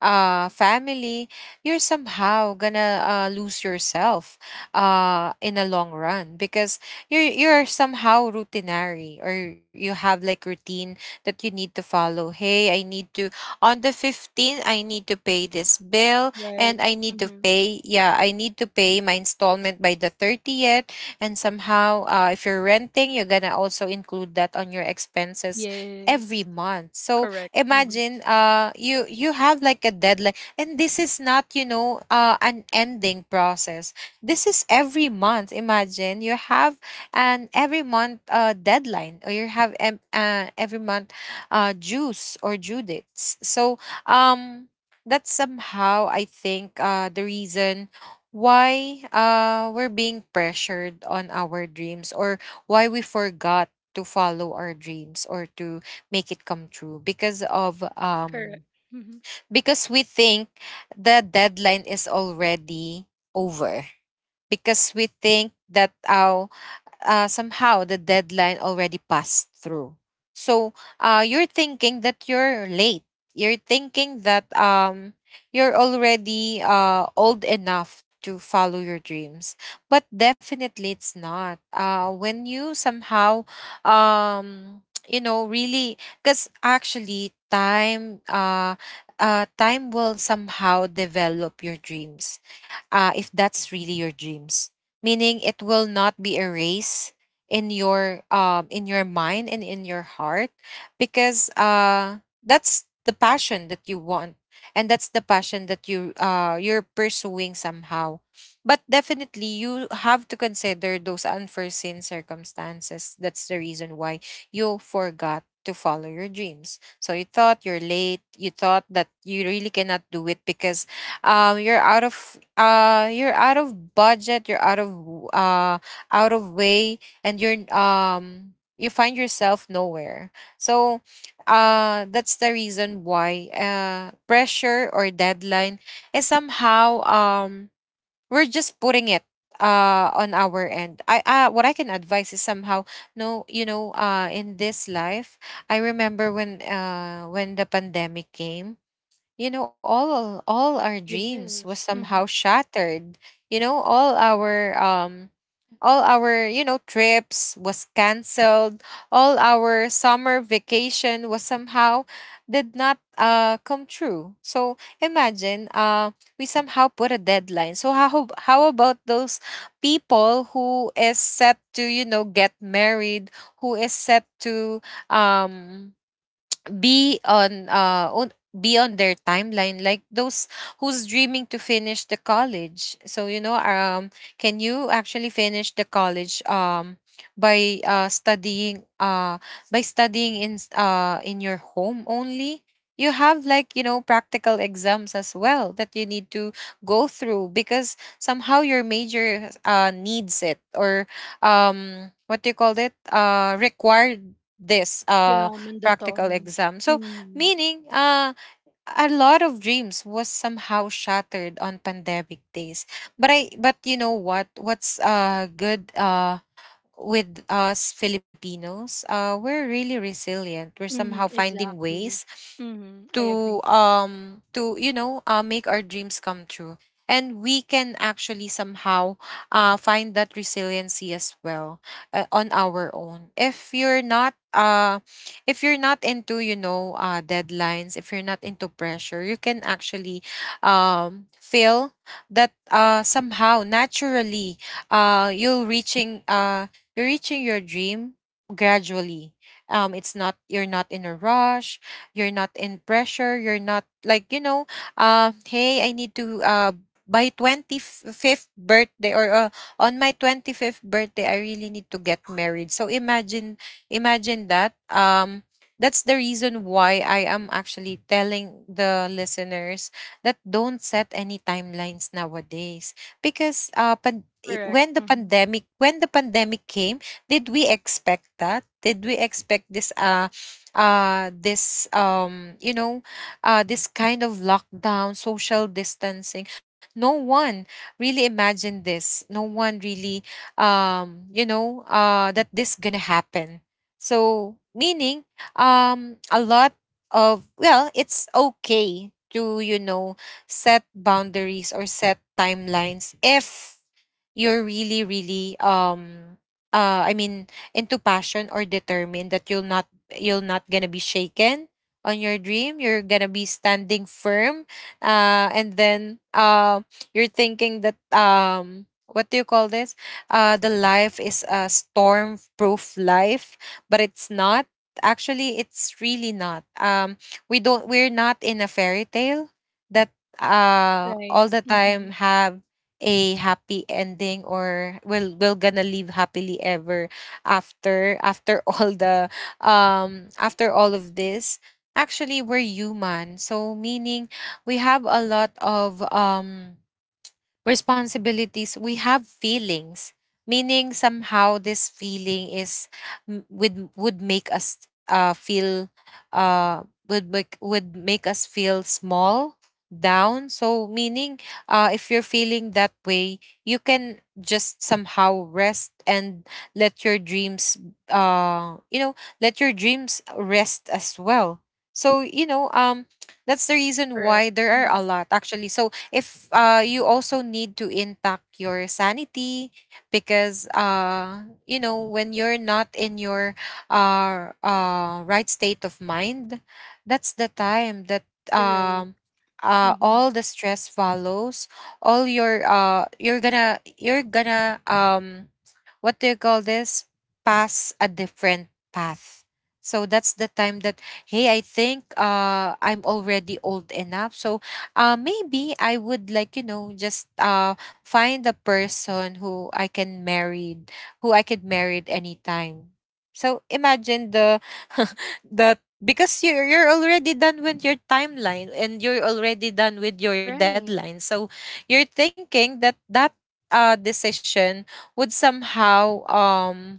Speaker 2: uh family, you're somehow gonna lose yourself in the long run, because you're somehow routinary, or you have like routine that you need to follow. Hey, I need to, on the 15th I need to pay this bill, and
Speaker 1: Right.
Speaker 2: I need to pay, yeah, I need to pay my installment by the 30th. And somehow if you're renting, you're gonna also include that on your expenses every
Speaker 1: Yes,
Speaker 2: month. So
Speaker 1: correct. Hmm.
Speaker 2: imagine you have like a deadline, and this is not you know an ending process. This is every month. Imagine you have an every month deadline, or you have every month dues or due dates. So um that's somehow I think the reason why we're being pressured on our dreams, or why we forgot to follow our dreams, or to make it come true, because of
Speaker 1: Correct. Hmm.
Speaker 2: because we think the deadline is already over, because we think that our somehow the deadline already passed through. So you're thinking that you're late. You're thinking that you're already old enough to follow your dreams. But definitely it's not. When you somehow, um, you know, really, because actually time will somehow develop your dreams, if that's really your dreams. Meaning it will not be a race in your mind and in your heart, because that's the passion that you want, and that's the passion that you you're pursuing somehow. But definitely you have to consider those unforeseen circumstances. That's the reason why you forgot to follow your dreams, so you thought you're late, you thought that you really cannot do it, because you're out of budget, you're uh out of way, and you're you find yourself nowhere. So that's the reason why pressure or deadline is somehow we're just putting it on our end. I What I can advise is somehow, no, you know, in this life, I remember when the pandemic came, you know, all our dreams was
Speaker 1: Yes.
Speaker 2: somehow
Speaker 1: Hmm.
Speaker 2: shattered, you know, all our you know trips was canceled, all our summer vacation was somehow did not come true. So imagine we somehow put a deadline. So how about those people who is set to you know get married, who is set to um be on be on their timeline, like those who's dreaming to finish the college. So you know can you actually finish the college by studying by studying in in your home only. You have like you know practical exams as well that you need to go through because somehow your major needs it, or what do you call it, required this
Speaker 1: Yeah,
Speaker 2: practical
Speaker 1: mandatory.
Speaker 2: exam. So
Speaker 1: Mm-hmm.
Speaker 2: meaning a lot of dreams was somehow shattered on pandemic days. But I, but you know what, what's good with us Filipinos, we're really resilient. We're
Speaker 1: Hmm.
Speaker 2: somehow finding
Speaker 1: Exactly.
Speaker 2: ways
Speaker 1: Hmm, I agree.
Speaker 2: to you know make our dreams come true, and we can actually somehow find that resiliency as well on our own. If you're not if you're not into you know deadlines, if you're not into pressure, you can actually feel that somehow naturally uh you're reaching uh you're reaching your dream gradually. It's not, you're not in a rush, you're not in pressure. You're not like, you know, hey, I need to by 25th birthday, or on my 25th birthday I really need to get married. So imagine that that's the reason why I am actually telling the listeners that don't set any timelines nowadays because
Speaker 1: Correct.
Speaker 2: when the
Speaker 1: Hmm.
Speaker 2: pandemic came did we expect this uh this um you know this kind of lockdown social distancing. No one really imagined this. No one really that this gonna happen. So meaning, a lot of, well, it's okay to, you know, set boundaries or set timelines if you're really really, I mean, into passion or determined that you're not gonna be shaken on your dream, you're gonna be standing firm. And then you're thinking that, what do you call this, the life is a storm proof life, but it's not. Actually, it's really not. We don't, we're not in a fairy tale that
Speaker 1: Right.
Speaker 2: all the
Speaker 1: Hmm.
Speaker 2: time have a happy ending, or we're gonna live happily ever after. All the after all of this, actually we're human. So meaning we have a lot of responsibilities, we have feelings. Meaning, somehow, this feeling is would make us feel uh, would make us feel small, down. So meaning, if you're feeling that way, you can just somehow rest and let your dreams, uh, you know, let your dreams rest as well. So, that's the reason
Speaker 1: Correct.
Speaker 2: why there are
Speaker 1: Hmm.
Speaker 2: a lot actually. So if, you also need to intact your sanity, because, you know, when you're not in your right state of mind, that's the time that,
Speaker 1: Right.
Speaker 2: um,
Speaker 1: Hmm.
Speaker 2: all the stress follows all your, you're gonna, what do you call this, pass a different path. So that's the time that, hey, I think, I'm already old enough. So, maybe I would like, you know, just, find a person who I can marry, who I could marry at any time. So imagine the the, because you're, already done with your timeline, and you're already done with your
Speaker 1: Right.
Speaker 2: deadline. So you're thinking that that decision would somehow,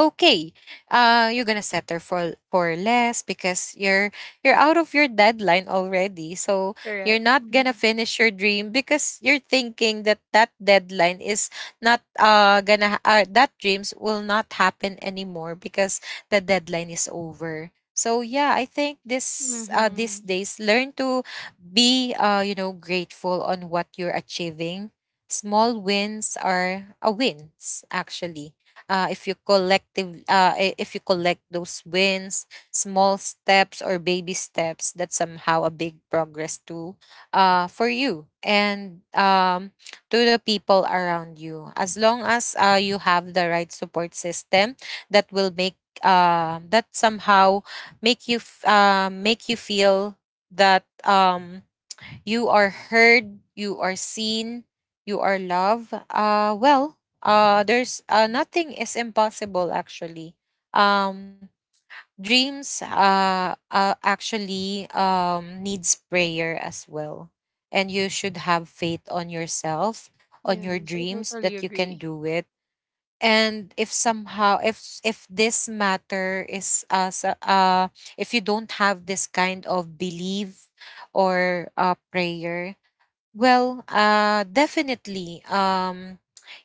Speaker 2: okay, you're gonna settle for less because you're out of your deadline already. So you're
Speaker 1: Correct.
Speaker 2: not gonna
Speaker 1: Hmm.
Speaker 2: finish your dream because you're thinking that that deadline is not, that dreams will not happen anymore because the deadline is over. So yeah, I think this, these
Speaker 1: Hmm.
Speaker 2: days, learn to be, you know, grateful on what you're achieving. Small wins are a wins, actually. If you collect those wins, small steps or baby steps, that's somehow a big progress to, for you, and to the people around you, as long as, you have the right support system that will make, that somehow make you make you feel that you are heard, you are seen, you are loved. There's, nothing is impossible, actually. Um, Dreams, actually, needs prayer as well. And you should have faith on yourself, on your
Speaker 1: Yes, I
Speaker 2: dreams,
Speaker 1: totally
Speaker 2: that you can
Speaker 1: agree.
Speaker 2: do it. And if somehow, if this matter is, if you don't have this kind of belief or, prayer, well, definitely,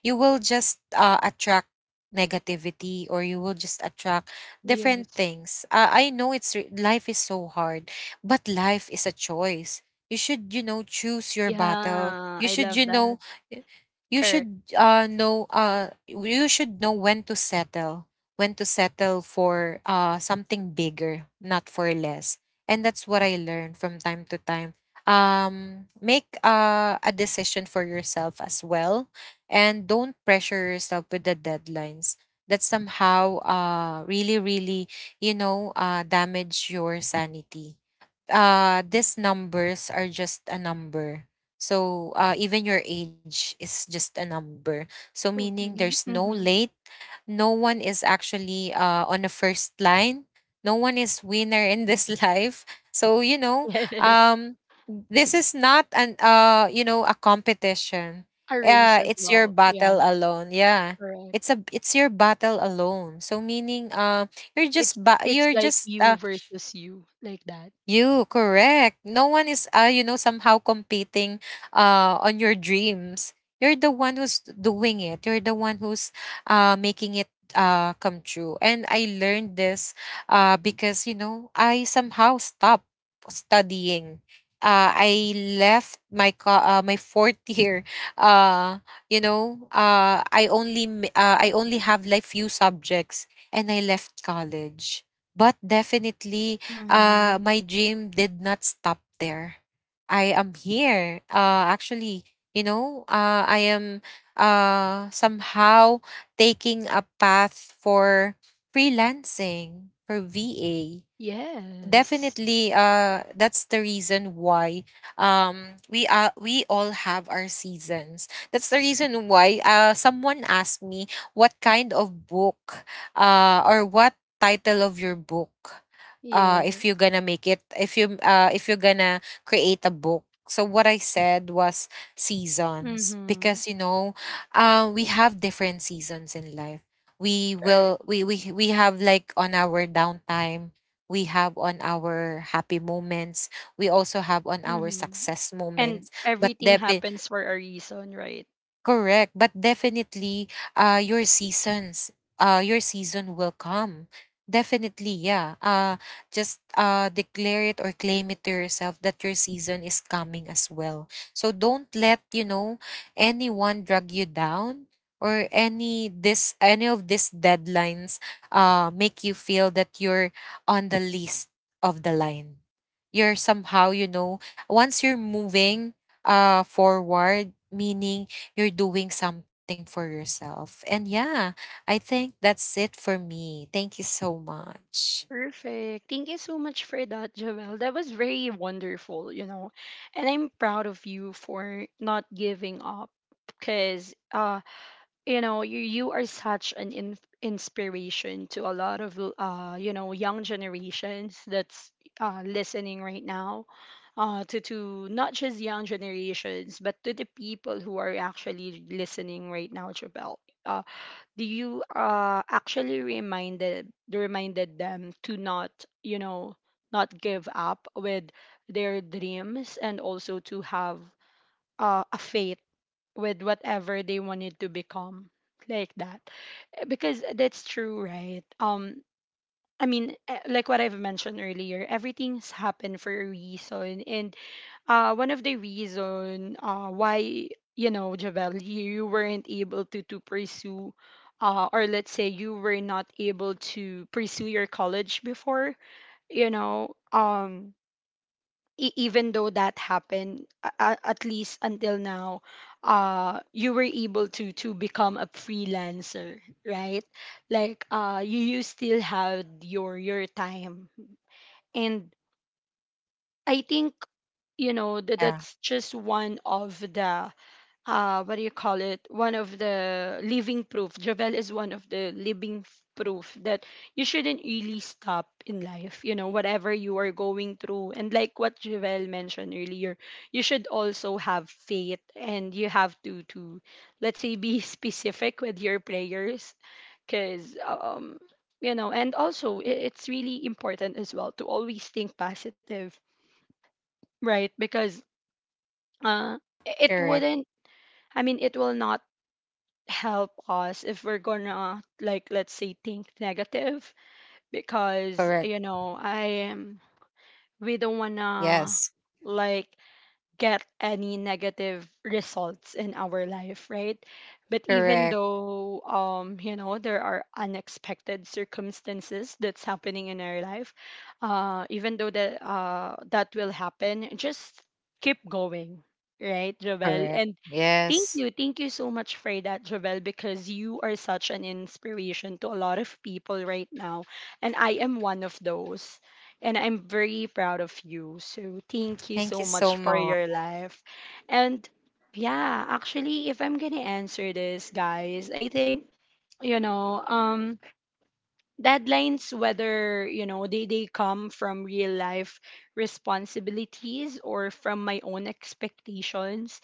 Speaker 2: you will just, attract negativity, or you will just attract different
Speaker 1: Yes.
Speaker 2: things. I know it's life is so hard, but life is a choice. You should, you know, choose your battle.
Speaker 1: Yeah,
Speaker 2: You
Speaker 1: I
Speaker 2: should,
Speaker 1: love
Speaker 2: you
Speaker 1: that.
Speaker 2: know, y- you
Speaker 1: Correct.
Speaker 2: should, know you should know when to settle for, something bigger, not for less. And that's what I learned from time to time. Make, a decision for yourself as well, and don't pressure yourself with the deadlines that somehow, really really, you know, damage your sanity. These numbers are just a number. So, even your age is just a number. So meaning,
Speaker 1: Totally.
Speaker 2: there's no
Speaker 1: Hmm.
Speaker 2: late, no one is actually, on the first line. No one is winner in this life. So, you know,
Speaker 1: Yes.
Speaker 2: um, this is not an, you know, a competition.
Speaker 1: A race as
Speaker 2: It's your
Speaker 1: well. Yeah,
Speaker 2: battle alone. Yeah,
Speaker 1: correct.
Speaker 2: it's a, it's your battle alone. So meaning, you're
Speaker 1: It's
Speaker 2: just
Speaker 1: it's
Speaker 2: you're
Speaker 1: like
Speaker 2: just,
Speaker 1: you versus you, like that.
Speaker 2: you correct. No one is, you know, somehow competing on your dreams. You're the one who's doing it. You're the one who's, making it, come true. And I learned this, because, you know, I somehow stopped studying. I left my my fourth year. Uh, you know, I only I only have like few subjects, and I left college. But definitely,
Speaker 1: Mm-hmm.
Speaker 2: my dream did not stop there. I am here. Actually, you know, I am, somehow taking a path for freelancing, for VA.
Speaker 1: Yes.
Speaker 2: Definitely, that's the reason why, we are, we all have our seasons. That's the reason why, someone asked me, what kind of book, or what title of your book,
Speaker 1: Yeah.
Speaker 2: if you're gonna make it, if you're gonna create a book. So what I said was seasons,
Speaker 1: Mm-hmm.
Speaker 2: because, you know, we have different seasons in life. We
Speaker 1: Correct.
Speaker 2: will, we have like on our downtime, we have on our happy moments, we also have on our
Speaker 1: Mm-hmm.
Speaker 2: success
Speaker 1: And
Speaker 2: moments. But
Speaker 1: everything happens for a reason, right?
Speaker 2: correct, but definitely, your seasons, your season will come. Definitely, yeah. Just, declare it or claim it to yourself that your season is coming as well. So don't let, you know, anyone drag you down, or any this any of these deadlines, make you feel that you're on the least of the line. You're somehow, you know, once you're moving, forward, meaning you're doing something for yourself. And yeah, I think that's it for me. Thank you so much.
Speaker 1: Perfect. Thank you so much for that, Joelle. That was very wonderful, you know. And I'm proud of you for not giving up because you know you are such an inspiration to a lot of you know young generations that's listening right now, to not just young generations but to the people who are actually listening right now, Jabel. uh do you actually, reminded them to not, you know, not give up with their dreams and also to have a faith with whatever they wanted to become, like that. Because that's true, right? I mean, like what I've mentioned earlier, everything's happened for a reason. And one of the reason why, you know, Javel, you weren't able to pursue, or let's say you were not able to pursue your college before. You know, even though that happened, at least until now, you were able to become a freelancer, right? Like you still had your time. And I think, you know, that
Speaker 2: Yeah,
Speaker 1: that's just one of the, what do you call it, one of the living proof. Javel is one of the living proof that you shouldn't really stop in life, you know, whatever you are going through. And like what Javel mentioned earlier, you should also have faith and you have to let's say be specific with your prayers. Cuz you know, and also, it's really important as well to always think positive, right? Because uh it
Speaker 2: correct,
Speaker 1: wouldn't, I mean, it will not help us if we're gonna, like, let's say think negative. Because,
Speaker 2: correct.
Speaker 1: you know, I am, we don't wanna,
Speaker 2: Yes,
Speaker 1: like, get any negative results in our life, right? But even
Speaker 2: correct,
Speaker 1: though, you know, there are unexpected circumstances that's happening in our life, even though that that will happen, just keep going, right, Jovel? And
Speaker 2: correct. Yes.
Speaker 1: thank you so much for that, Jovel, because you are such an inspiration to a lot of people right now, and I am one of those. And I'm very proud of you. So thank you so
Speaker 2: Thank you
Speaker 1: much
Speaker 2: so
Speaker 1: for your
Speaker 2: much.
Speaker 1: life. And yeah, actually, if I'm gonna answer this, guys, I think, you know, deadlines, whether you know they come from real life responsibilities or from my own expectations,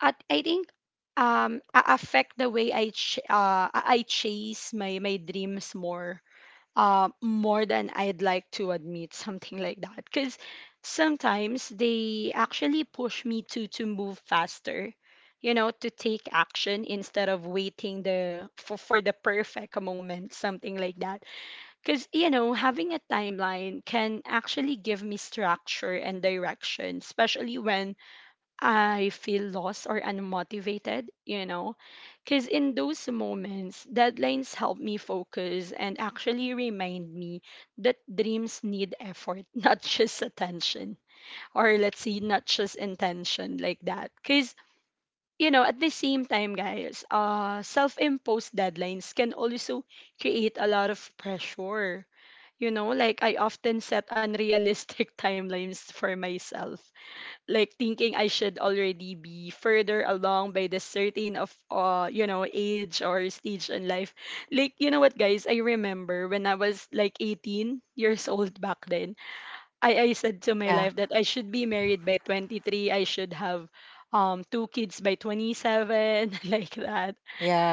Speaker 1: at I think affect the way I ch- I chase my dreams more, more than I'd like to admit, something like that. Because sometimes they actually push me to move faster, you know, to take action instead of waiting the for the perfect moment, something like that. Because, you know, having a timeline can actually give me structure and direction, especially when I feel lost or unmotivated, you know? Because in those moments, deadlines help me focus and actually remind me that dreams need effort, not just attention. Or let's say, not just intention, like that. Because, you know, at the same time, guys, self imposed deadlines can also create a lot of pressure. You know, like I often set unrealistic timelines for myself, like thinking I should already be further along by this certain of, you know, age or stage in life. Like, you know what, guys, I remember when I was like 18 years old back then. I said to my life
Speaker 2: Yeah,
Speaker 1: that I should be married by 23. I should have two kids by 27 like that.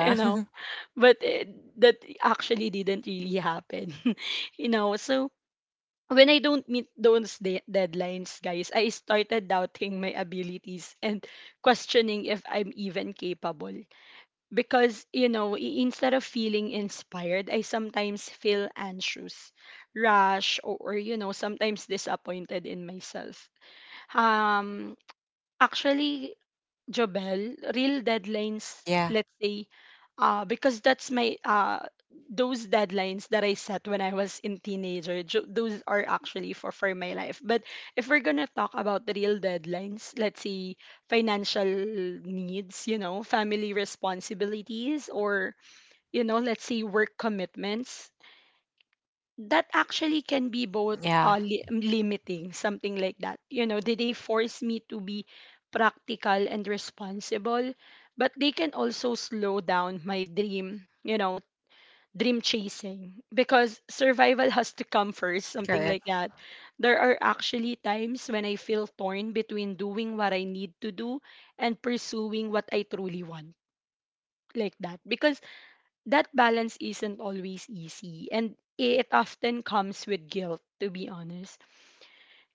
Speaker 1: You know, but it, that actually didn't really happen. You know, so when I don't meet those deadlines, guys, I started doubting my abilities and questioning if I'm even capable. Because, you know, instead of feeling inspired, I sometimes feel anxious, rash, or, you know, sometimes disappointed in myself. Um, actually, Jobel, real deadlines, let's
Speaker 2: yeah,
Speaker 1: say, because that's my those deadlines that I set when I was in teenager. Those are actually for my life. But if we're gonna talk about the real deadlines, let's say financial needs, you know, family responsibilities, or, you know, let's say work commitments, that actually can be both
Speaker 2: yeah,
Speaker 1: limiting, something like that. You know, they force me to be practical and responsible, but they can also slow down my dream, you know, dream chasing, because survival has to come first, something like
Speaker 2: correct.
Speaker 1: that. There are actually times when I feel torn between doing what I need to do and pursuing what I truly want, like that. Because that balance isn't always easy, and it often comes with guilt, to be honest.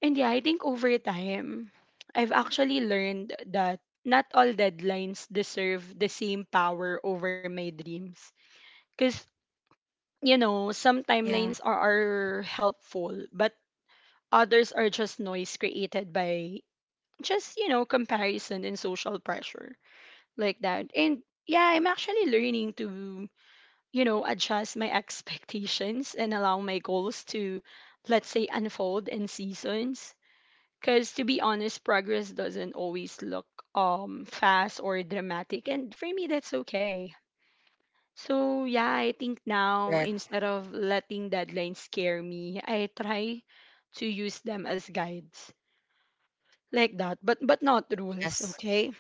Speaker 1: And yeah, I think over time, I've actually learned that not all deadlines deserve the same power over my dreams, because, you know, some timelines
Speaker 2: Yeah,
Speaker 1: are helpful, but others are just noise created by just, you know, comparison and social pressure, like that. And yeah, I'm actually learning to, you know, adjust my expectations and allow my goals to, let's say, unfold in seasons. Because, to be honest, progress doesn't always look fast or dramatic, and for me, that's okay. So yeah, I think now, instead
Speaker 2: correct.
Speaker 1: of letting deadlines scare me, I try to use them as guides, like that, but not rules. Okay,
Speaker 2: Yes,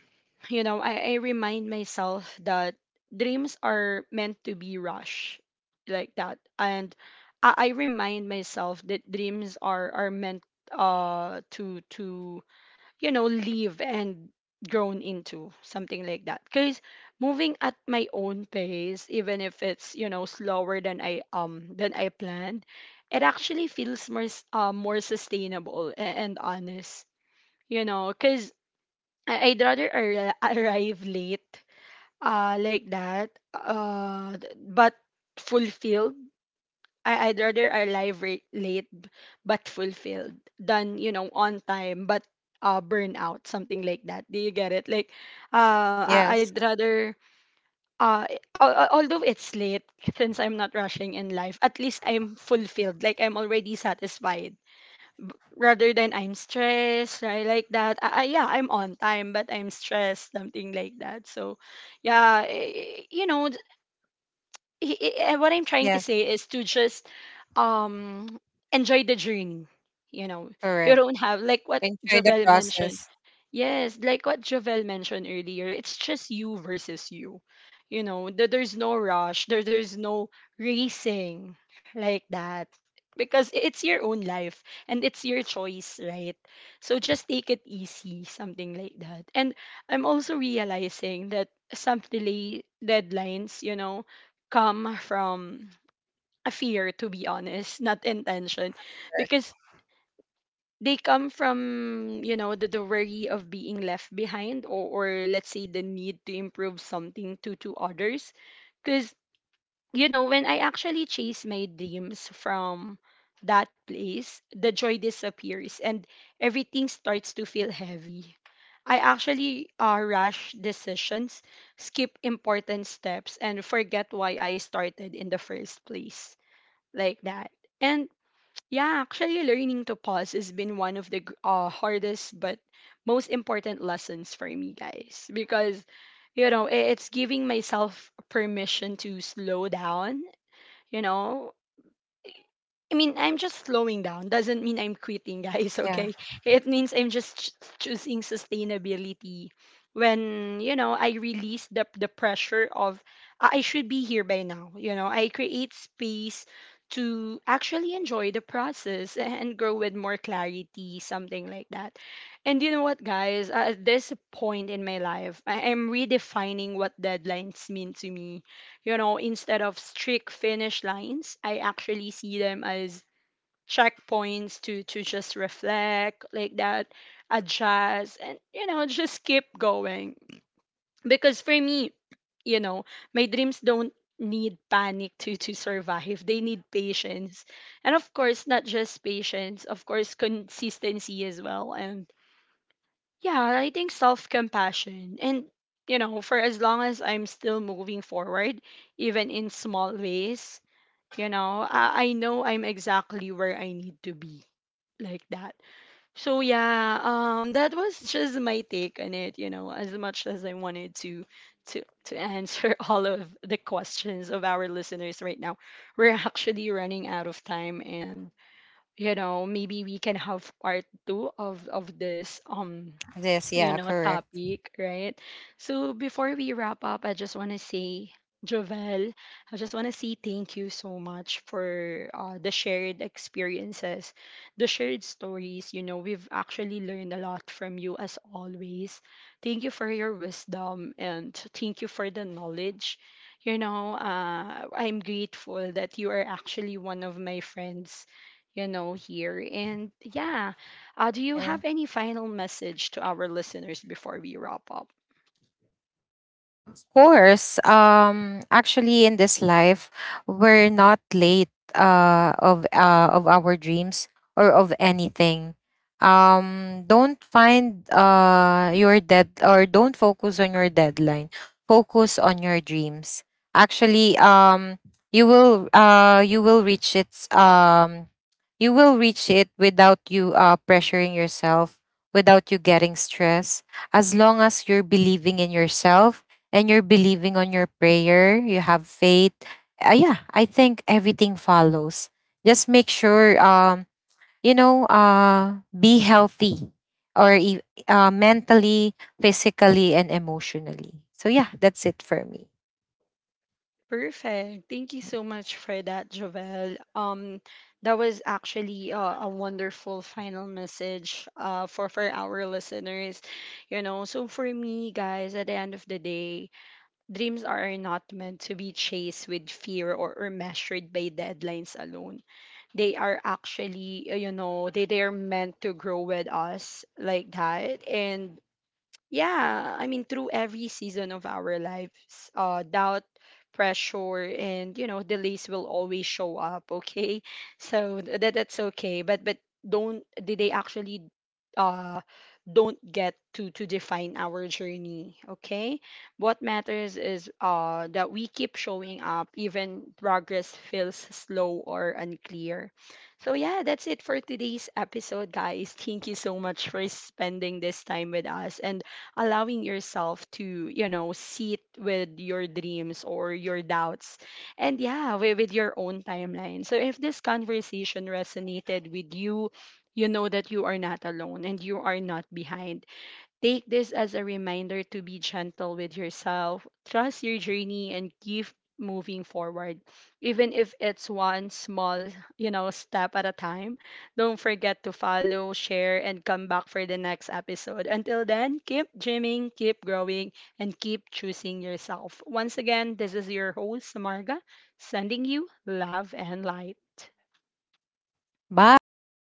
Speaker 1: you know, I remind myself that dreams are meant to be rushed, like that. And I remind myself that dreams are meant to you know, live and grown into, something like that. Because moving at my own pace, even if it's, you know, slower than I planned, it actually feels more more sustainable and honest, you know. Because I'd rather arrive late, like that, but fulfilled. I'd rather arrive late, but fulfilled than, you know, on time but burn out, something like that. Do you get it? Like, I'd
Speaker 2: yes,
Speaker 1: rather although it's late, since I'm not rushing in life, at least I'm fulfilled. Like, I'm already satisfied rather than I'm stressed, right? Like that. Yeah, I'm on time, but I'm stressed, something like that. So yeah, you know, what I'm trying to say is
Speaker 2: yes,
Speaker 1: to just um enjoy the journey. You know, you don't have,
Speaker 2: correct.
Speaker 1: like what Javel
Speaker 2: Enjoy the
Speaker 1: mentioned.
Speaker 2: process.
Speaker 1: Yes, like what Javel mentioned earlier, it's just you versus you. You know, there's no rush, there's no racing, like that. Because it's your own life and it's your choice, right? So just take it easy, something like that. And I'm also realizing that some delay deadlines, you know, come from a fear, to be honest, not intention. Because
Speaker 2: Correct.
Speaker 1: they come from, you know, the worry of being left behind, or let's say the need to improve something to others. Because, you know, when I actually chase my dreams from that place, the joy disappears and everything starts to feel heavy. I actually rush decisions, skip important steps, and forget why I started in the first place, like that. And yeah, actually, learning to pause has been one of the hardest but most important lessons for me, guys. Because, you know, it's giving myself permission to slow down. You know, I mean, I'm just slowing down. Doesn't mean I'm quitting, guys, okay?
Speaker 2: Yeah,
Speaker 1: It means I'm just choosing sustainability. When, you know, I release the pressure of, I should be here by now. You know, I create space to actually enjoy the process and grow with more clarity, something like that. And you know what, guys? At this point in my life, I am redefining what deadlines mean to me. You know, instead of strict finish lines, I actually see them as checkpoints to just reflect, like that, adjust and, you know, just keep going. Because for me, you know, my dreams don't need panic to survive. They need patience. And of course, not just patience, of course, consistency as well. And yeah, I think self compassion. And, you know, for as long as I'm still moving forward, even in small ways, you know, I know I'm exactly where I need to be, like that. So yeah, that was just my take on it, you know. As much as I wanted to answer all of the questions of our listeners right now, we're actually running out of time. And you know, maybe we can have part two of this, you know,
Speaker 2: this, yeah,
Speaker 1: topic,
Speaker 2: correct.
Speaker 1: right? So before we wrap up, I just want to say, Jovel, I just want to say thank you so much for the shared experiences, the shared stories. You know, we've actually learned a lot from you, as always. Thank you for your wisdom, and thank you for the knowledge. You know, I'm grateful that you are actually one of my friends, you know, here. And yeah, do you have any final
Speaker 2: Mm.
Speaker 1: message to our listeners before we wrap up?
Speaker 2: Course. Actually, in this life, we're not late, of our dreams or of anything. Don't find, your dead or don't focus on your deadline. Focus on your dreams. Actually, you will, you will reach its, you will reach it without you, pressuring yourself, without you getting stressed, as long as you're believing in yourself, and you're believing on your prayer, you have faith. Yeah, I think everything follows. Just make sure, you know, be healthy, or e- mentally, physically, and emotionally. So yeah, that's it for me.
Speaker 1: Perfect. Thank you so much for that, Jovel. That was actually a wonderful final message for our listeners. You know, so for me, guys, at the end of the day, dreams are not meant to be chased with fear, or measured by deadlines alone. They are actually, you know, they are meant to grow with us, like that. And yeah, I mean, through every season of our lives, doubt, pressure, and, you know, delays will always show up. Okay, so that's okay. But don't, did they actually uh don't get to define our journey. Okay, what matters is that we keep showing up, even progress feels slow or unclear. So yeah, that's it for today's episode, guys. Thank you so much for spending this time with us and allowing yourself to, you know, sit with your dreams or your doubts, and yeah, with your own timeline. So if this conversation resonated with you, you know that you are not alone and you are not behind. Take this as a reminder to be gentle with yourself, trust your journey, and keep moving forward. Even if it's one small, you know, step at a time, don't forget to follow, share, and come back for the next episode. Until then, keep dreaming, keep growing, and keep choosing yourself. Once again, this is your host, Marga, sending you love and light.
Speaker 2: Bye.